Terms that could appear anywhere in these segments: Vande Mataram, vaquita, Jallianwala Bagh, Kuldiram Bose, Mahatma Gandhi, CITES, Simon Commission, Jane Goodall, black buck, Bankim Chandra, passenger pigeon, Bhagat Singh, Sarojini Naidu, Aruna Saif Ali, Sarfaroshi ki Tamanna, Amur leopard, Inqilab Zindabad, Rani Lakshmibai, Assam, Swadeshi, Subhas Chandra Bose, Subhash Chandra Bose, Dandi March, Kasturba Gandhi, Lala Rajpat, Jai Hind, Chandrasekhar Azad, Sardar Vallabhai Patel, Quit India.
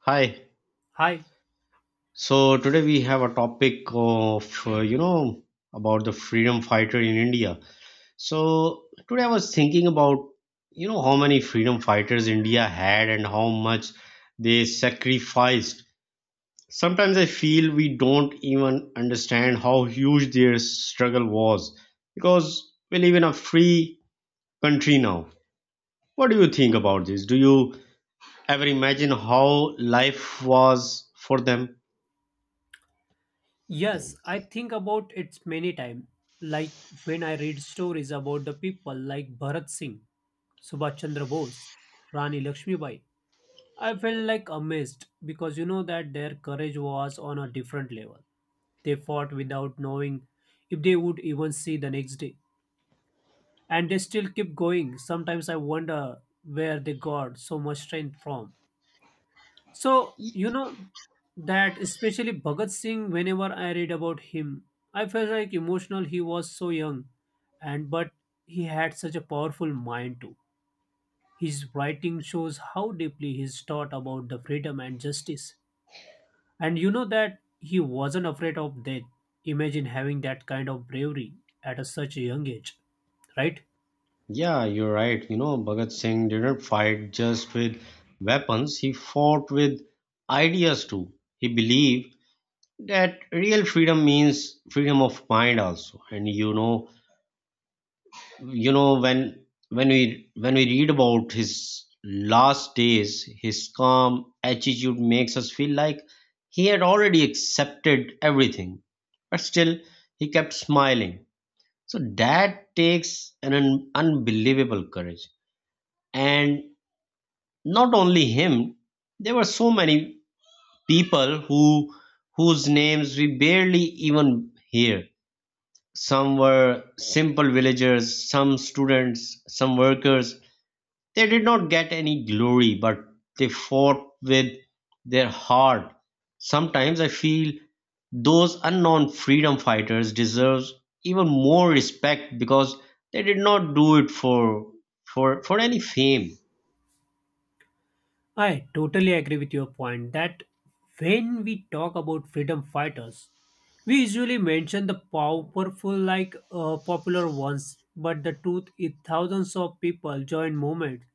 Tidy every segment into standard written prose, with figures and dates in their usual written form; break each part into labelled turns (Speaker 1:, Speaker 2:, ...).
Speaker 1: Hi.
Speaker 2: Hi.
Speaker 1: So today we have a topic of about the freedom fighter in India. So today I was thinking about how many freedom fighters India had and how much they sacrificed. Sometimes I feel we don't even understand how huge their struggle was because we live in a free country now. What do you think about this? Do you ever imagine how life was for them?
Speaker 2: Yes, I think about it many times. Like when I read stories about the people like Bharat Singh, Subhash Chandra Bose, Rani Lakshmibai, I felt like amazed because you know that their courage was on a different level. They fought without knowing if they would even see the next day, and they still keep going. Sometimes I wonder where they got so much strength from. So, you know that especially Bhagat Singh, whenever I read about him, I felt like emotional he was so young and but he had such a powerful mind too. His writing shows how deeply he's thought about the freedom and justice. And you know that he wasn't afraid of death. Imagine having that kind of bravery at a such a young age, right?
Speaker 1: Yeah, you're right. You know, Bhagat Singh didn't fight just with weapons, he fought with ideas too. He believed that real freedom means freedom of mind also. And when we read about his last days, his calm attitude makes us feel like he had already accepted everything. But still he kept smiling. So that takes an unbelievable courage, and not only him, there were so many people whose names we barely even hear. Some were simple villagers, some students, some workers. They did not get any glory, but they fought with their heart. Sometimes I feel those unknown freedom fighters deserve even more respect because they did not do it for any fame.
Speaker 2: I totally agree with your point that when we talk about freedom fighters, we usually mention the powerful, like popular ones, but the truth is thousands of people join movements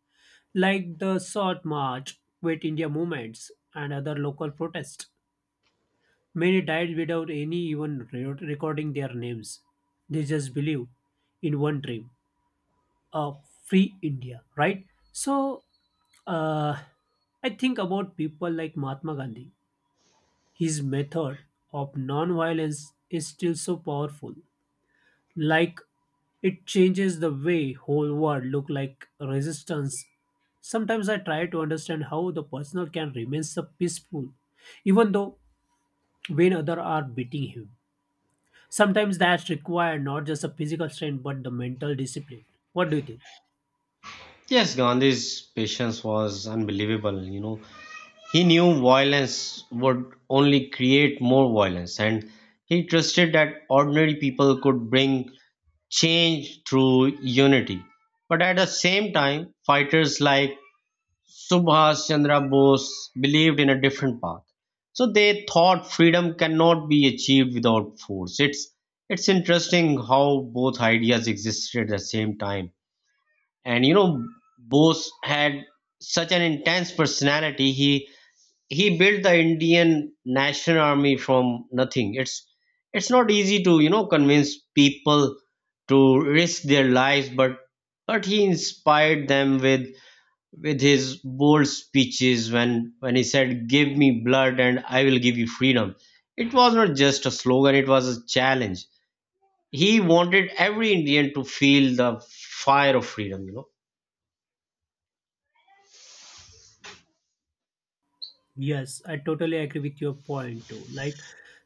Speaker 2: like the Short March, Quit India movements, and other local protests. Many died without any even recording their names. They just believe in one dream, a free India, right? So, uh, I think about people like Mahatma Gandhi. His method of non-violence is still so powerful, like it changes the way whole world look like resistance. Sometimes I try to understand how the personal can remain so peaceful even though when other are beating him. Sometimes that's required not just a physical strength but the mental discipline. What do you think?
Speaker 1: Yes, Gandhi's patience was unbelievable. You know, he knew violence would only create more violence, and he trusted that ordinary people could bring change through unity. But at the same time, fighters like Subhas Chandra Bose believed in a different path. So they thought freedom cannot be achieved without force. It's interesting how both ideas existed at the same time. And Bose had such an intense personality. He built the Indian national army from nothing. It's not easy to convince people to risk their lives, but he inspired them with his bold speeches. When he said, give me blood and I will give you freedom, it was not just a slogan, it was a challenge. He wanted every Indian to feel the fire of freedom.
Speaker 2: Yes, I totally agree with your point too, like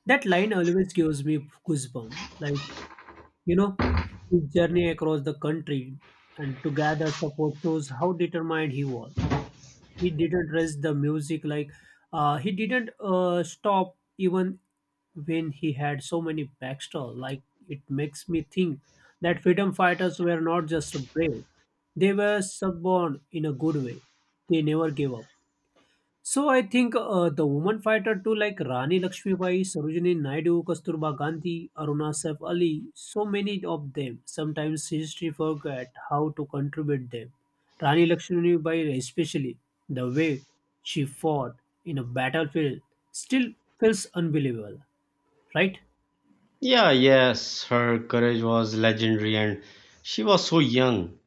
Speaker 2: that line always gives me goosebumps, like you know, his journey across the country and to gather support shows how determined he was. He didn't rush the music, like he didn't stop even when he had so many backstall. Like it makes me think that freedom fighters were not just brave, they were stubborn in a good way. They never gave up. So I think the woman fighter too, like Rani Lakshmibai, Sarojini Naidu, Kasturba Gandhi, Aruna Saif Ali, so many of them. Sometimes history forget how to contribute them. Rani Lakshmibai especially, the way she fought in a battlefield still feels unbelievable, right?
Speaker 1: Yeah, yes, her courage was legendary, and she was so young.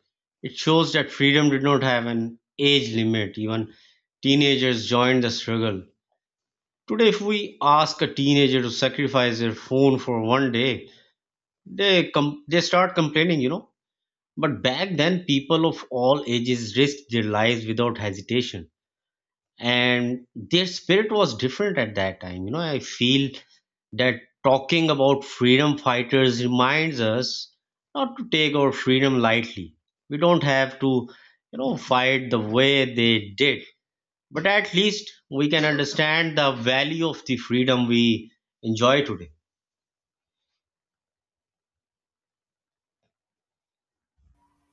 Speaker 1: It shows that freedom did not have an age limit. Even teenagers joined the struggle. Today, if we ask a teenager to sacrifice their phone for one day, they start complaining. But back then, people of all ages risked their lives without hesitation, and their spirit was different at that time. I feel that talking about freedom fighters reminds us not to take our freedom lightly. We don't have to fight the way they did, but at least we can understand the value of the freedom we enjoy today.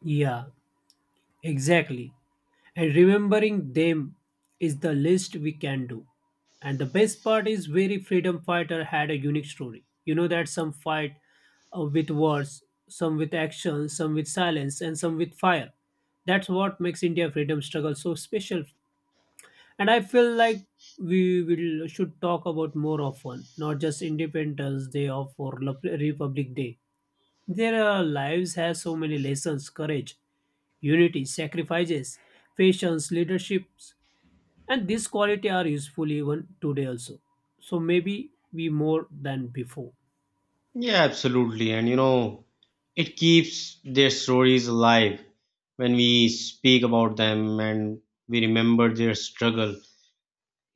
Speaker 2: Yeah, exactly. And remembering them is the least we can do. And the best part is very freedom fighter had a unique story. You know that some fight with words, some with action, some with silence, and some with fire. That's what makes India freedom struggle so special. And I feel like we will should talk about more often, not just Independence Day or Republic Day. Their lives have so many lessons: courage, unity, sacrifices, patience, leaderships, and this quality are useful even today also. So maybe we more than before.
Speaker 1: Yeah, absolutely. And it keeps their stories alive when we speak about them, and we remember their struggle.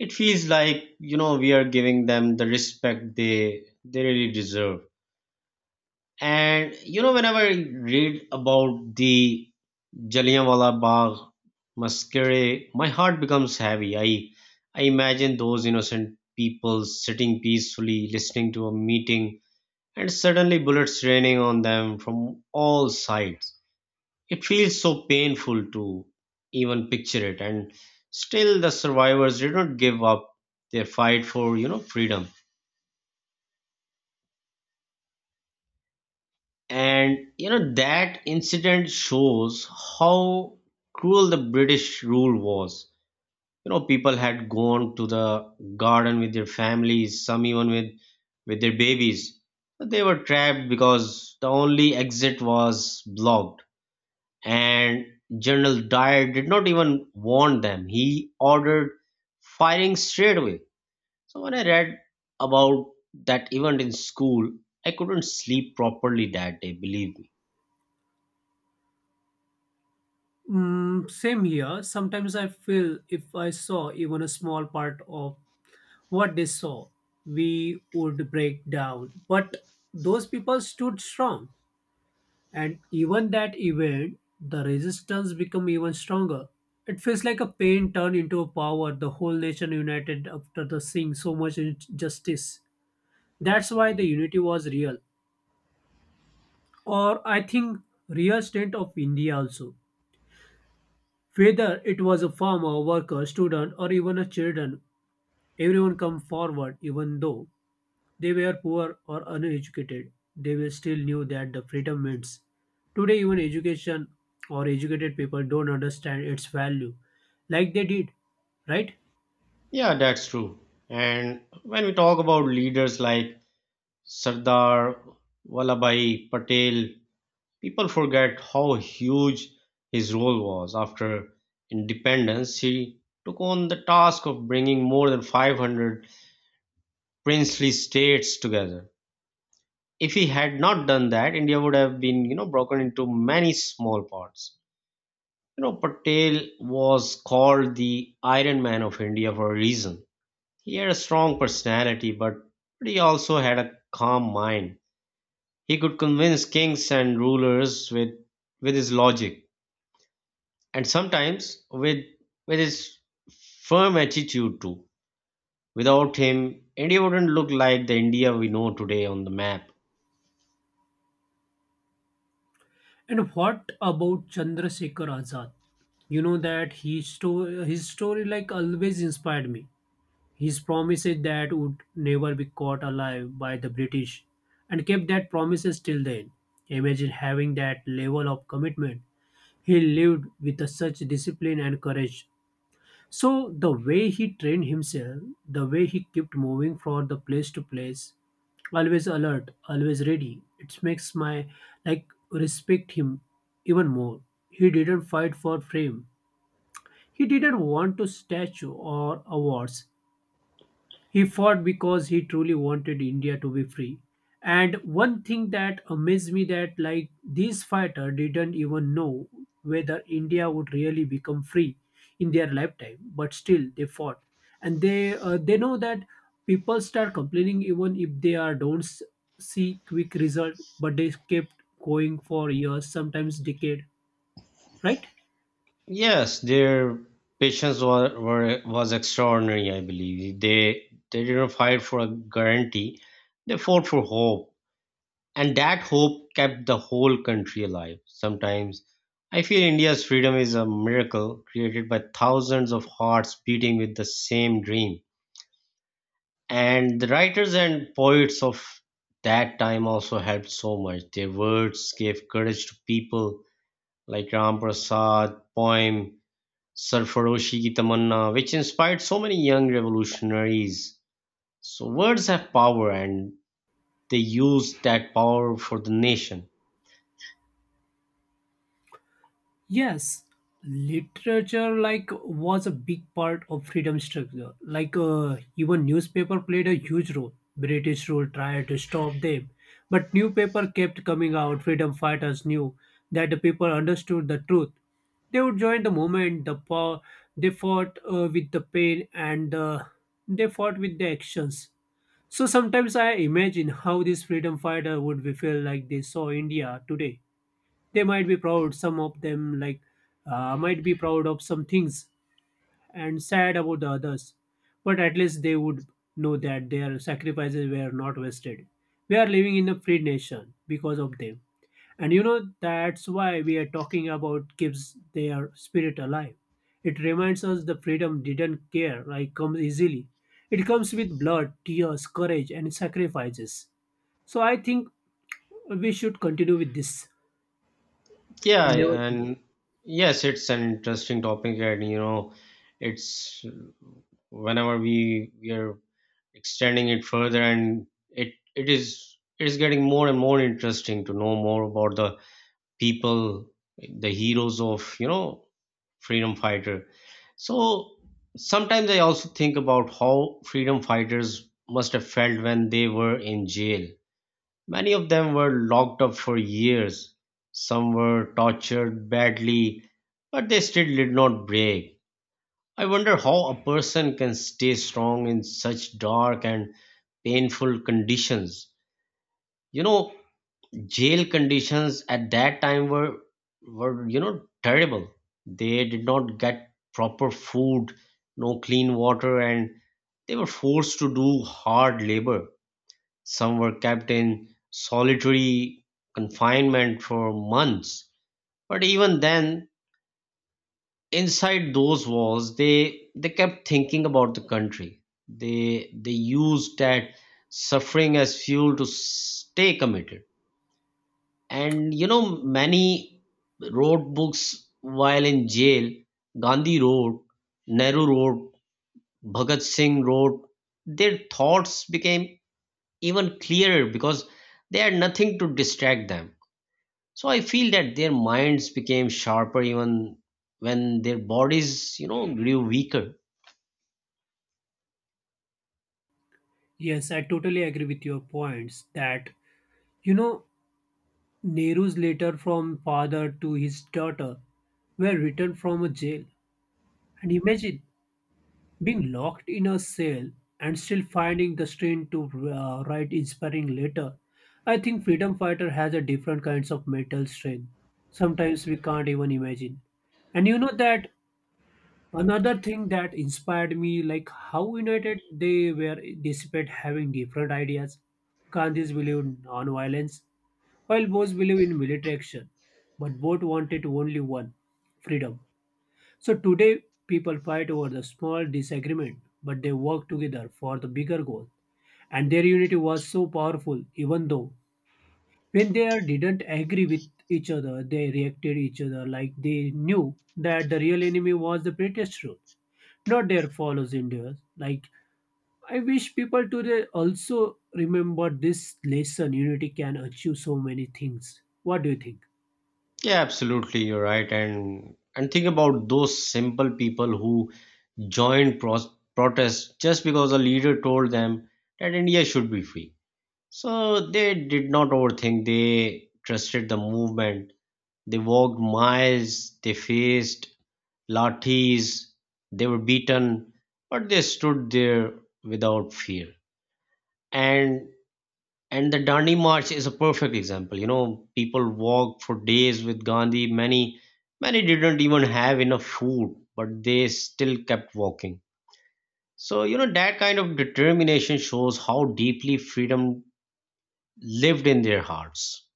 Speaker 1: It feels like, we are giving them the respect they really deserve. And whenever I read about the Jallianwala Bagh massacre, my heart becomes heavy. I imagine those innocent people sitting peacefully, listening to a meeting, and suddenly bullets raining on them from all sides. It feels so painful to even picture it, and still the survivors did not give up their fight for freedom. And that incident shows how cruel the British rule was. People had gone to the garden with their families, some even with their babies. But they were trapped because the only exit was blocked, and General Dyer did not even warn them. He ordered firing straight away. So when I read about that event in school, I couldn't sleep properly that day, believe me.
Speaker 2: Mm, same here. Sometimes I feel if I saw even a small part of what they saw, we would break down, but those people stood strong, and even that event the resistance become even stronger. It feels like a pain turned into a power. The whole nation united after the seeing so much injustice. That's why the unity was real, or I think real state of India also. Whether it was a farmer, worker, student, or even a children, everyone come forward even though they were poor or uneducated. They were still knew that the freedom means. Today even education or educated people don't understand its value like they did, right?
Speaker 1: Yeah, that's true. And when we talk about leaders like Sardar Vallabhai Patel, people forget how huge his role was. After independence, he took on the task of bringing more than 500 princely states together. If he had not done that, India would have been, broken into many small parts. Patel was called the Iron Man of India for a reason. He had a strong personality, but he also had a calm mind. He could convince kings and rulers with his logic, and sometimes with his firm attitude too. Without him, India wouldn't look like the India we know today on the map.
Speaker 2: And what about Chandrasekhar Azad? You know that he his story like always inspired me. His promises that would never be caught alive by the British and kept that promises till then. Imagine having that level of commitment. He lived with a such discipline and courage. So the way he trained himself, the way he kept moving from the place to place, always alert, always ready. It makes my, like, respect him even more. He didn't fight for fame. He didn't want to statue or awards. He fought because he truly wanted India to be free. And one thing that amazed me that like these fighter didn't even know whether India would really become free in their lifetime, but still they fought, and they know that people start complaining even if they are don't s- see quick result, but they kept going for years, sometimes decade, right?
Speaker 1: Yes, their patience was extraordinary, I believe. They didn't fight for a guarantee, they fought for hope. And that hope kept the whole country alive. Sometimes I feel India's freedom is a miracle created by thousands of hearts beating with the same dream. And the writers and poets of that time also helped so much. Their words gave courage to people like Ram Prasad, poem Sarfaroshi ki Tamanna, which inspired so many young revolutionaries. So words have power, and they use that power for the nation.
Speaker 2: Yes, literature like was a big part of freedom struggle. Like even newspaper played a huge role. British rule tried to stop them, but newspaper kept coming out. Freedom fighters knew that the people understood the truth. They would join the movement. The power they fought with the pain and they fought with the actions. So sometimes I imagine how these freedom fighter would be feel like they saw India today. They might be proud some of them, like might be proud of some things and sad about the others, but at least they would know that their sacrifices were not wasted. We are living in a free nation because of them. And you know that's why we are talking about keeps their spirit alive. It reminds us the freedom didn't care like comes easily. It comes with blood, tears, courage, and sacrifices. So I think we should continue with this
Speaker 1: Yeah,
Speaker 2: and never forget.
Speaker 1: and yes, it's an interesting topic, and you know, it's whenever we are extending it further, and it is getting more and more interesting to know more about the people, the heroes of freedom fighter. So sometimes I also think about how freedom fighters must have felt when they were in jail. Many of them were locked up for years. Some were tortured badly, but they still did not break. I wonder how a person can stay strong in such dark and painful conditions. You know, Jail conditions at that time were terrible. They did not get proper food, no clean water, and they were forced to do hard labor. Some were kept in solitary confinement for months. But even then, inside those walls, they kept thinking about the country. They used that suffering as fuel to stay committed. And many wrote books while in jail. Gandhi wrote, Nehru wrote, Bhagat Singh wrote. Their thoughts became even clearer because they had nothing to distract them. So I feel that their minds became sharper even when their bodies, grew weaker.
Speaker 2: Yes, I totally agree with your points that, you know, Nehru's letter from father to his daughter were written from a jail. And imagine being locked in a cell and still finding the strength to write inspiring letter. I think freedom fighter has a different kinds of mental strength. Sometimes we can't even imagine. And you know that another thing that inspired me, like how united they were despite having different ideas. Gandhi's believed in non-violence, while Bose believed in military action, but both wanted only one, freedom. So today, people fight over the small disagreement, but they work together for the bigger goal. And their unity was so powerful, even though when they didn't agree with each other, they reacted each other like they knew that the real enemy was the British rule, not there follows India's. Like I wish people today also remember this lesson. Unity can achieve so many things. What do you think?
Speaker 1: Yeah, absolutely, you're right. And think about those simple people who joined protests just because a leader told them that India should be free. So they did not overthink, they trusted the movement. They walked miles, they faced lathis, they were beaten, but they stood there without fear. And and the Dandi March is a perfect example. People walked for days with Gandhi. Many didn't even have enough food, but they still kept walking, so, that kind of determination shows how deeply freedom lived in their hearts.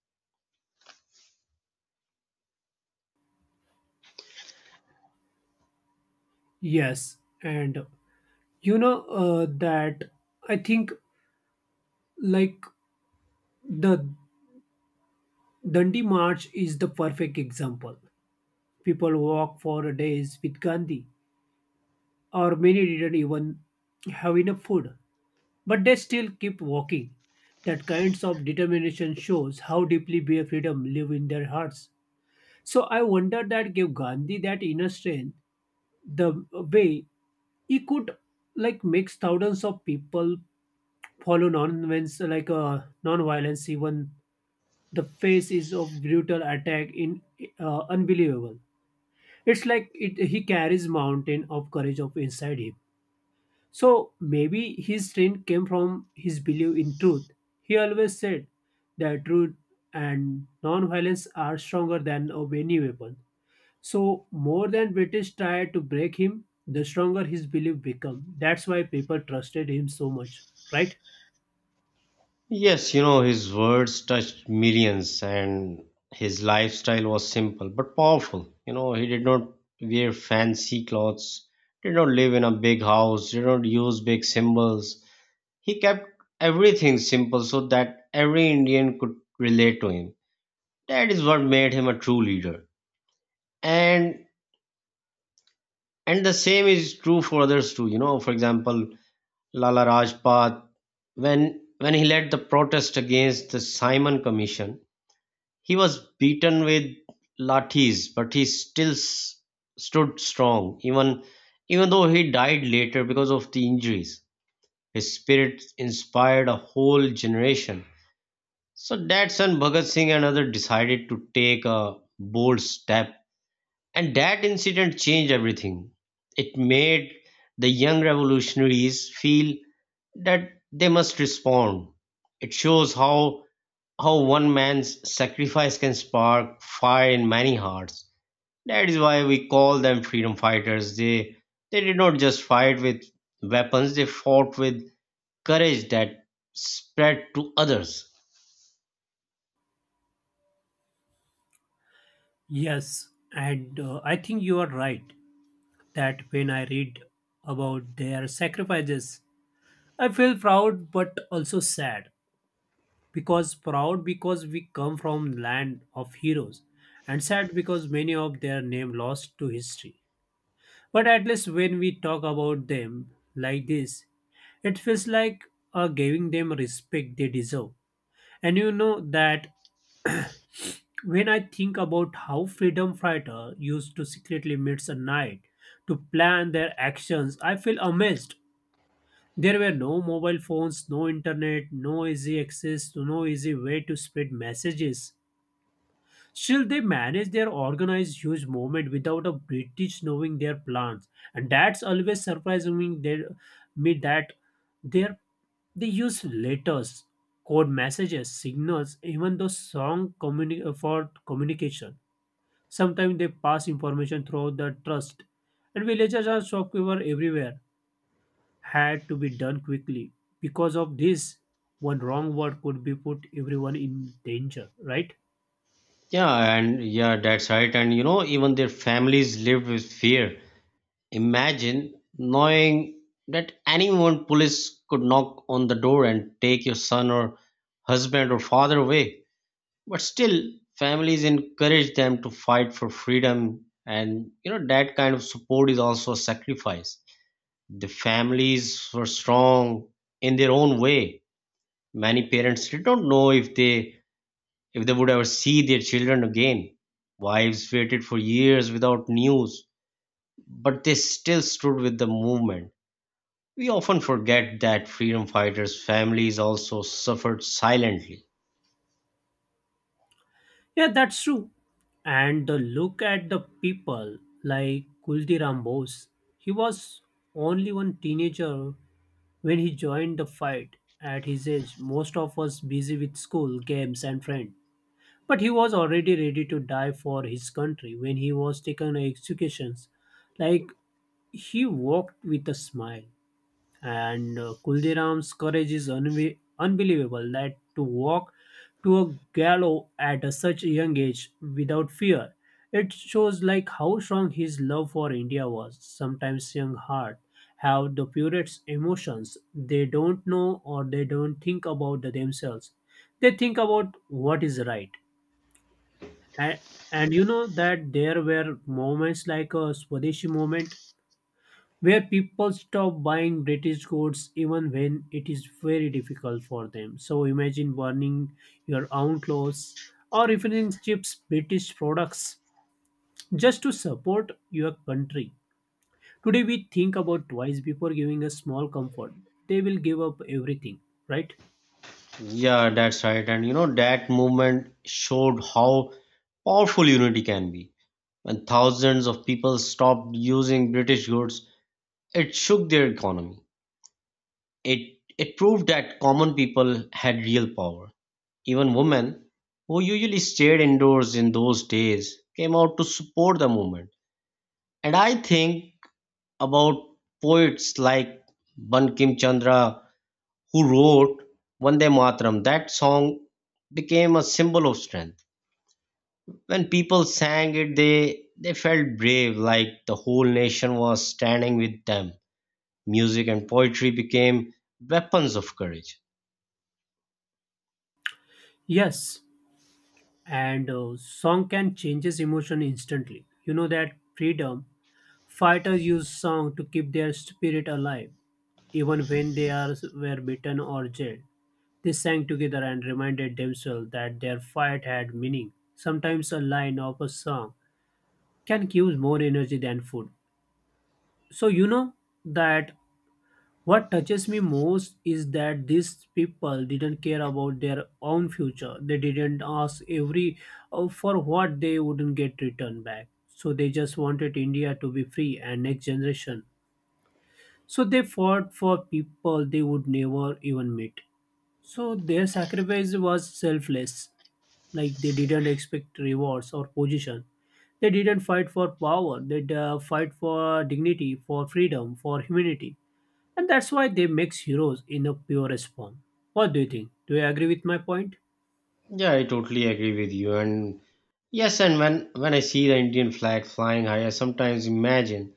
Speaker 2: Yes, and you know that I think, like, the Dandi March is the perfect example. People walk for days with Gandhi, or many didn't even have enough food, but they still keep walking. That kinds of determination shows how deeply their freedom live in their hearts. So I wonder that gave Gandhi that inner strength, the way he could like makes thousands of people follow non-violence, like non-violence, even the faces of brutal attack in, unbelievable. It's like it, he carries mountain of courage of inside him. So maybe his strength came from his belief in truth. He always said that truth and non-violence are stronger than of any weapon. So more than British tried to break him, the stronger his belief became. That's why people trusted him so much, right?
Speaker 1: Yes, his words touched millions, and his lifestyle was simple but powerful. He did not wear fancy clothes, did not live in a big house, did not use big symbols. He kept everything simple so that every Indian could relate to him. That is what made him a true leader. And and the same is true for others too. For example, Lala Rajpat, when he led the protest against the Simon Commission, he was beaten with lathis, but he still stood strong, even though he died later because of the injuries. His spirit inspired a whole generation. So that's when Bhagat Singh and others decided to take a bold step. And that incident changed everything. It made the young revolutionaries feel that they must respond. It shows how one man's sacrifice can spark fire in many hearts. That is why we call them freedom fighters. They did not just fight with weapons, they fought with courage that spread to others.
Speaker 2: Yes, and I think you are right that when I read about their sacrifices, I feel proud but also sad. Because proud because we come from land of heroes, and sad because many of their name lost to history. But at least when we talk about them like this, it feels like giving them respect they deserve. And you know that when I think about how freedom fighter used to secretly meet at night to plan their actions, I feel amazed. There were no mobile phones, no internet, no easy access, no easy way to spread messages. Still, they manage their organized huge movement without a British knowing their plans, and that's always surprising me. They, me that they they use letters, code messages, signals, even the song for communication. Sometimes they pass information through the trust, and villagers and shopkeepers everywhere had to be done quickly. Because of this, one wrong word could be put everyone in danger. Right?
Speaker 1: Yeah, and yeah, that's right. And even their families lived with fear. Imagine knowing that anyone police could knock on the door and take your son or husband or father away. But still, families encourage them to fight for freedom. And that kind of support is also a sacrifice. The families were strong in their own way. Many parents they don't know if they would ever see their children again. Wives waited for years without news, but they still stood with the movement. We often forget that freedom fighters' families also suffered silently.
Speaker 2: Yeah, that's true. And the look at the people like Kuldiram Bose. He was only one teenager when he joined the fight. At his age, most of us busy with school, games, and friends. But he was already ready to die for his country when he was taken executions. Like he walked with a smile and Kuldiram's courage is unbelievable that to walk to a gallows at a such a young age without fear. It shows like how strong his love for India was. Sometimes young heart have the purest emotions. They don't know or they don't think about the themselves. They think about what is right. And, and you know that there were moments like a Swadeshi moment where people stop buying British goods even when it is very difficult for them. So imagine burning your own clothes or even chips British products just to support your country. Today we think about twice before giving a small comfort. They will give up everything, right?
Speaker 1: Yeah, that's right. And that movement showed how powerful unity can be. When thousands of people stopped using British goods, it shook their economy. It proved that common people had real power. Even women, who usually stayed indoors in those days, came out to support the movement. And I think about poets like Bankim Chandra, who wrote Vande Mataram. That song became a symbol of strength. When people sang it, they felt brave, like the whole nation was standing with them. Music and poetry became weapons of courage.
Speaker 2: Yes, and song can changes emotion instantly. You know that freedom fighters use song to keep their spirit alive, even when they were beaten or jailed. They sang together and reminded themselves that their fight had meaning. Sometimes a line of a song can give more energy than food. So, you know that what touches me most is that these people didn't care about their own future. They didn't ask every for what they wouldn't get returned back. So, they just wanted India to be free and next generation. So, they fought for people they would never even meet. So their sacrifice was selfless. Like they didn't expect rewards or position. They didn't fight for power. They fight for dignity, for freedom, for humanity. And that's why they make heroes in a purest form. What do you think? Do you agree with my point?
Speaker 1: Yeah, I totally agree with you. And yes, and when I see the Indian flag flying high, I sometimes imagine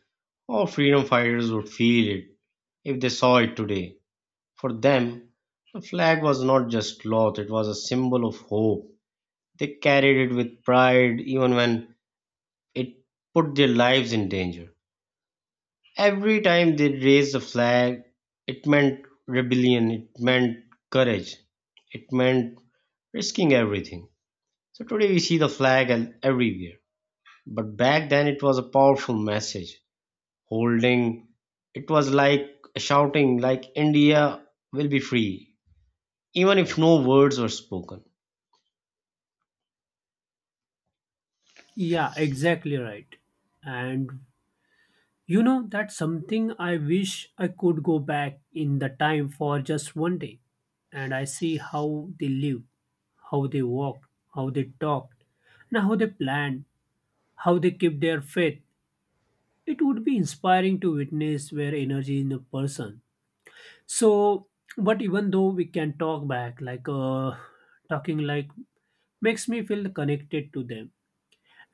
Speaker 1: how freedom fighters would feel it if they saw it today. For them, the flag was not just cloth; it was a symbol of hope. They carried it with pride even when it put their lives in danger. Every time they raised the flag, it meant rebellion, it meant courage, it meant risking everything. So today we see the flag everywhere. But back then it was a powerful message. Holding it was like shouting like India will be free, even if no words were spoken.
Speaker 2: Yeah, exactly right. And you know, that's something I wish I could go back in the time for just one day and I see how they live, how they walked, how they talked, and how they planned, how they kept their faith. It would be inspiring to witness their energy in a person. So, but even though we can talk back, like talking like makes me feel connected to them.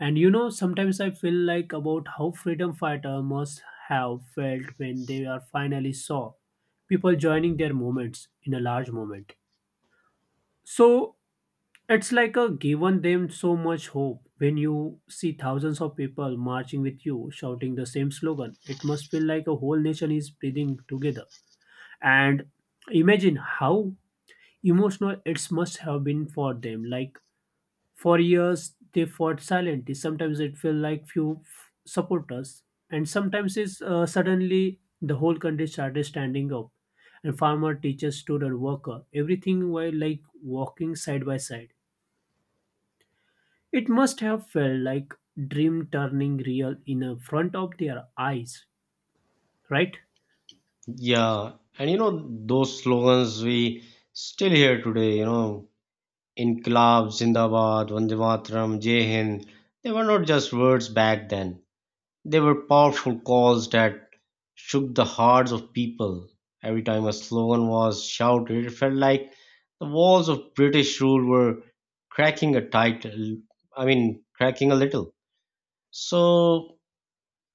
Speaker 2: And you know, sometimes I feel like about how freedom fighter must have felt when they are finally saw people joining their movements in a large moment. So it's like a given them so much hope when you see thousands of people marching with you shouting the same slogan. It must feel like a whole nation is breathing together. And imagine how emotional it must have been for them. Like for years they fought silently. Sometimes it felt like supporters, and sometimes it's suddenly the whole country started standing up, and farmer, teacher, student, worker, everything were like walking side by side. It must have felt like dream turning real in a front of their eyes, right?
Speaker 1: Yeah, and those slogans we still hear today, Inqilab, Zindabad, Vande Mataram, Jai Hind, they were not just words back then. They were powerful calls that shook the hearts of people. Every time a slogan was shouted, it felt like the walls of British rule were cracking a title, I mean, cracking a little. So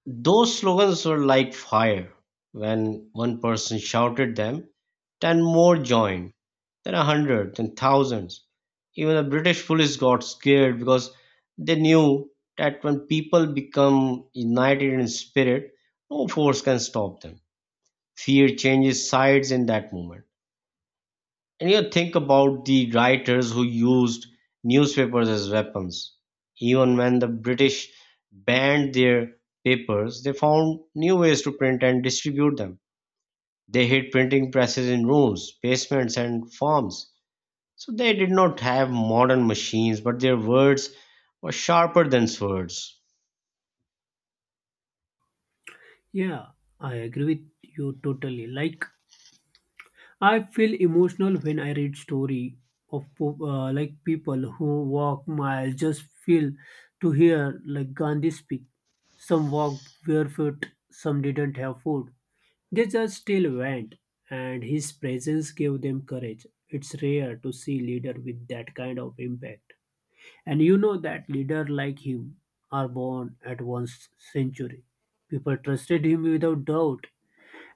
Speaker 1: those slogans were like fire. When one person shouted them, 10 more joined, then 100, then thousands. Even the British police got scared because they knew that when people become united in spirit, no force can stop them. Fear changes sides in that moment. And you think about the writers who used newspapers as weapons. Even when the British banned their papers, they found new ways to print and distribute them. They hid printing presses in rooms, basements, and farms. So they did not have modern machines, but their words were sharper than swords.
Speaker 2: Yeah, I agree with you totally. Like I feel emotional when I read story of like people who walk miles just feel to hear like Gandhi speak. Some walked barefoot, some didn't have food. They just still went, and his presence gave them courage. It's rare to see leader with that kind of impact. And you know that leader like him are born at once century. People trusted him without doubt.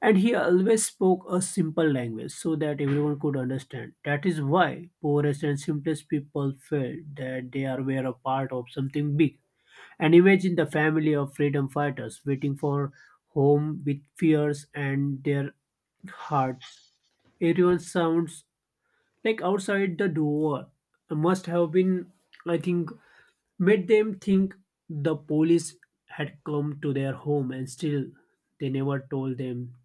Speaker 2: And he always spoke a simple language so that everyone could understand. That is why poorest and simplest people felt that they are were a part of something big. And imagine the family of freedom fighters waiting for home with fears and their hearts. Everyone sounds like outside the door must have been, I think, made them think the police had come to their home, and still they never told them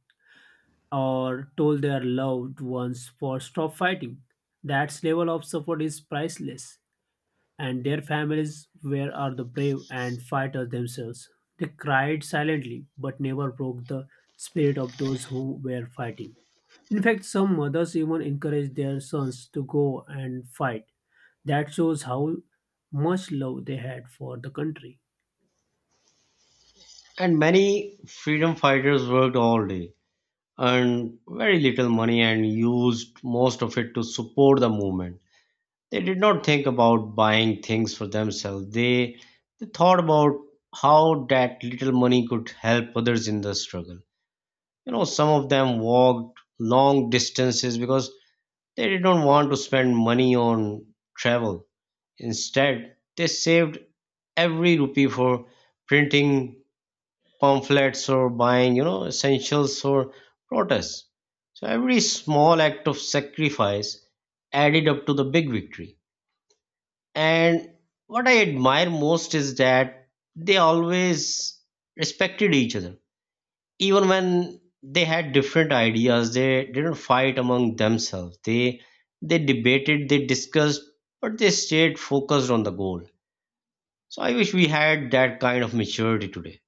Speaker 2: or told their loved ones for stop fighting. That level of support is priceless, and their families were are the brave and fighters themselves. They cried silently but never broke the spirit of those who were fighting. In fact, some mothers even encouraged their sons to go and fight. That shows how much love they had for the country.
Speaker 1: And many freedom fighters worked all day, earned very little money, and used most of it to support the movement. They did not think about buying things for themselves. They thought about how that little money could help others in the struggle. Some of them walked long distances because they did not want to spend money on travel. Instead, they saved every rupee for printing pamphlets or buying, essentials for protests. So every small act of sacrifice added up to the big victory. And what I admire most is that they always respected each other. Even when they had different ideas, they didn't fight among themselves. They debated, they discussed, but they stayed focused on the goal. So I wish we had that kind of maturity today.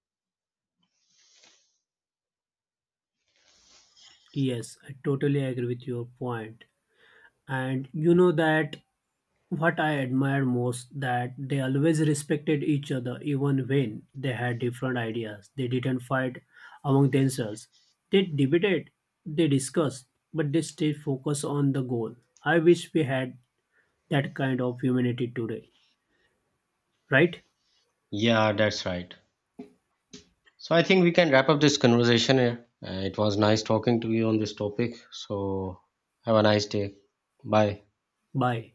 Speaker 2: Yes, I totally agree with your point. And you know that what I admire most that they always respected each other even when they had different ideas. They didn't fight among themselves. They debated, they discussed, but they stayed focused on the goal. I wish we had that kind of humanity today. Right?
Speaker 1: Yeah, that's right. So I think we can wrap up this conversation here. It was nice talking to you on this topic. So have a nice day. Bye.
Speaker 2: Bye.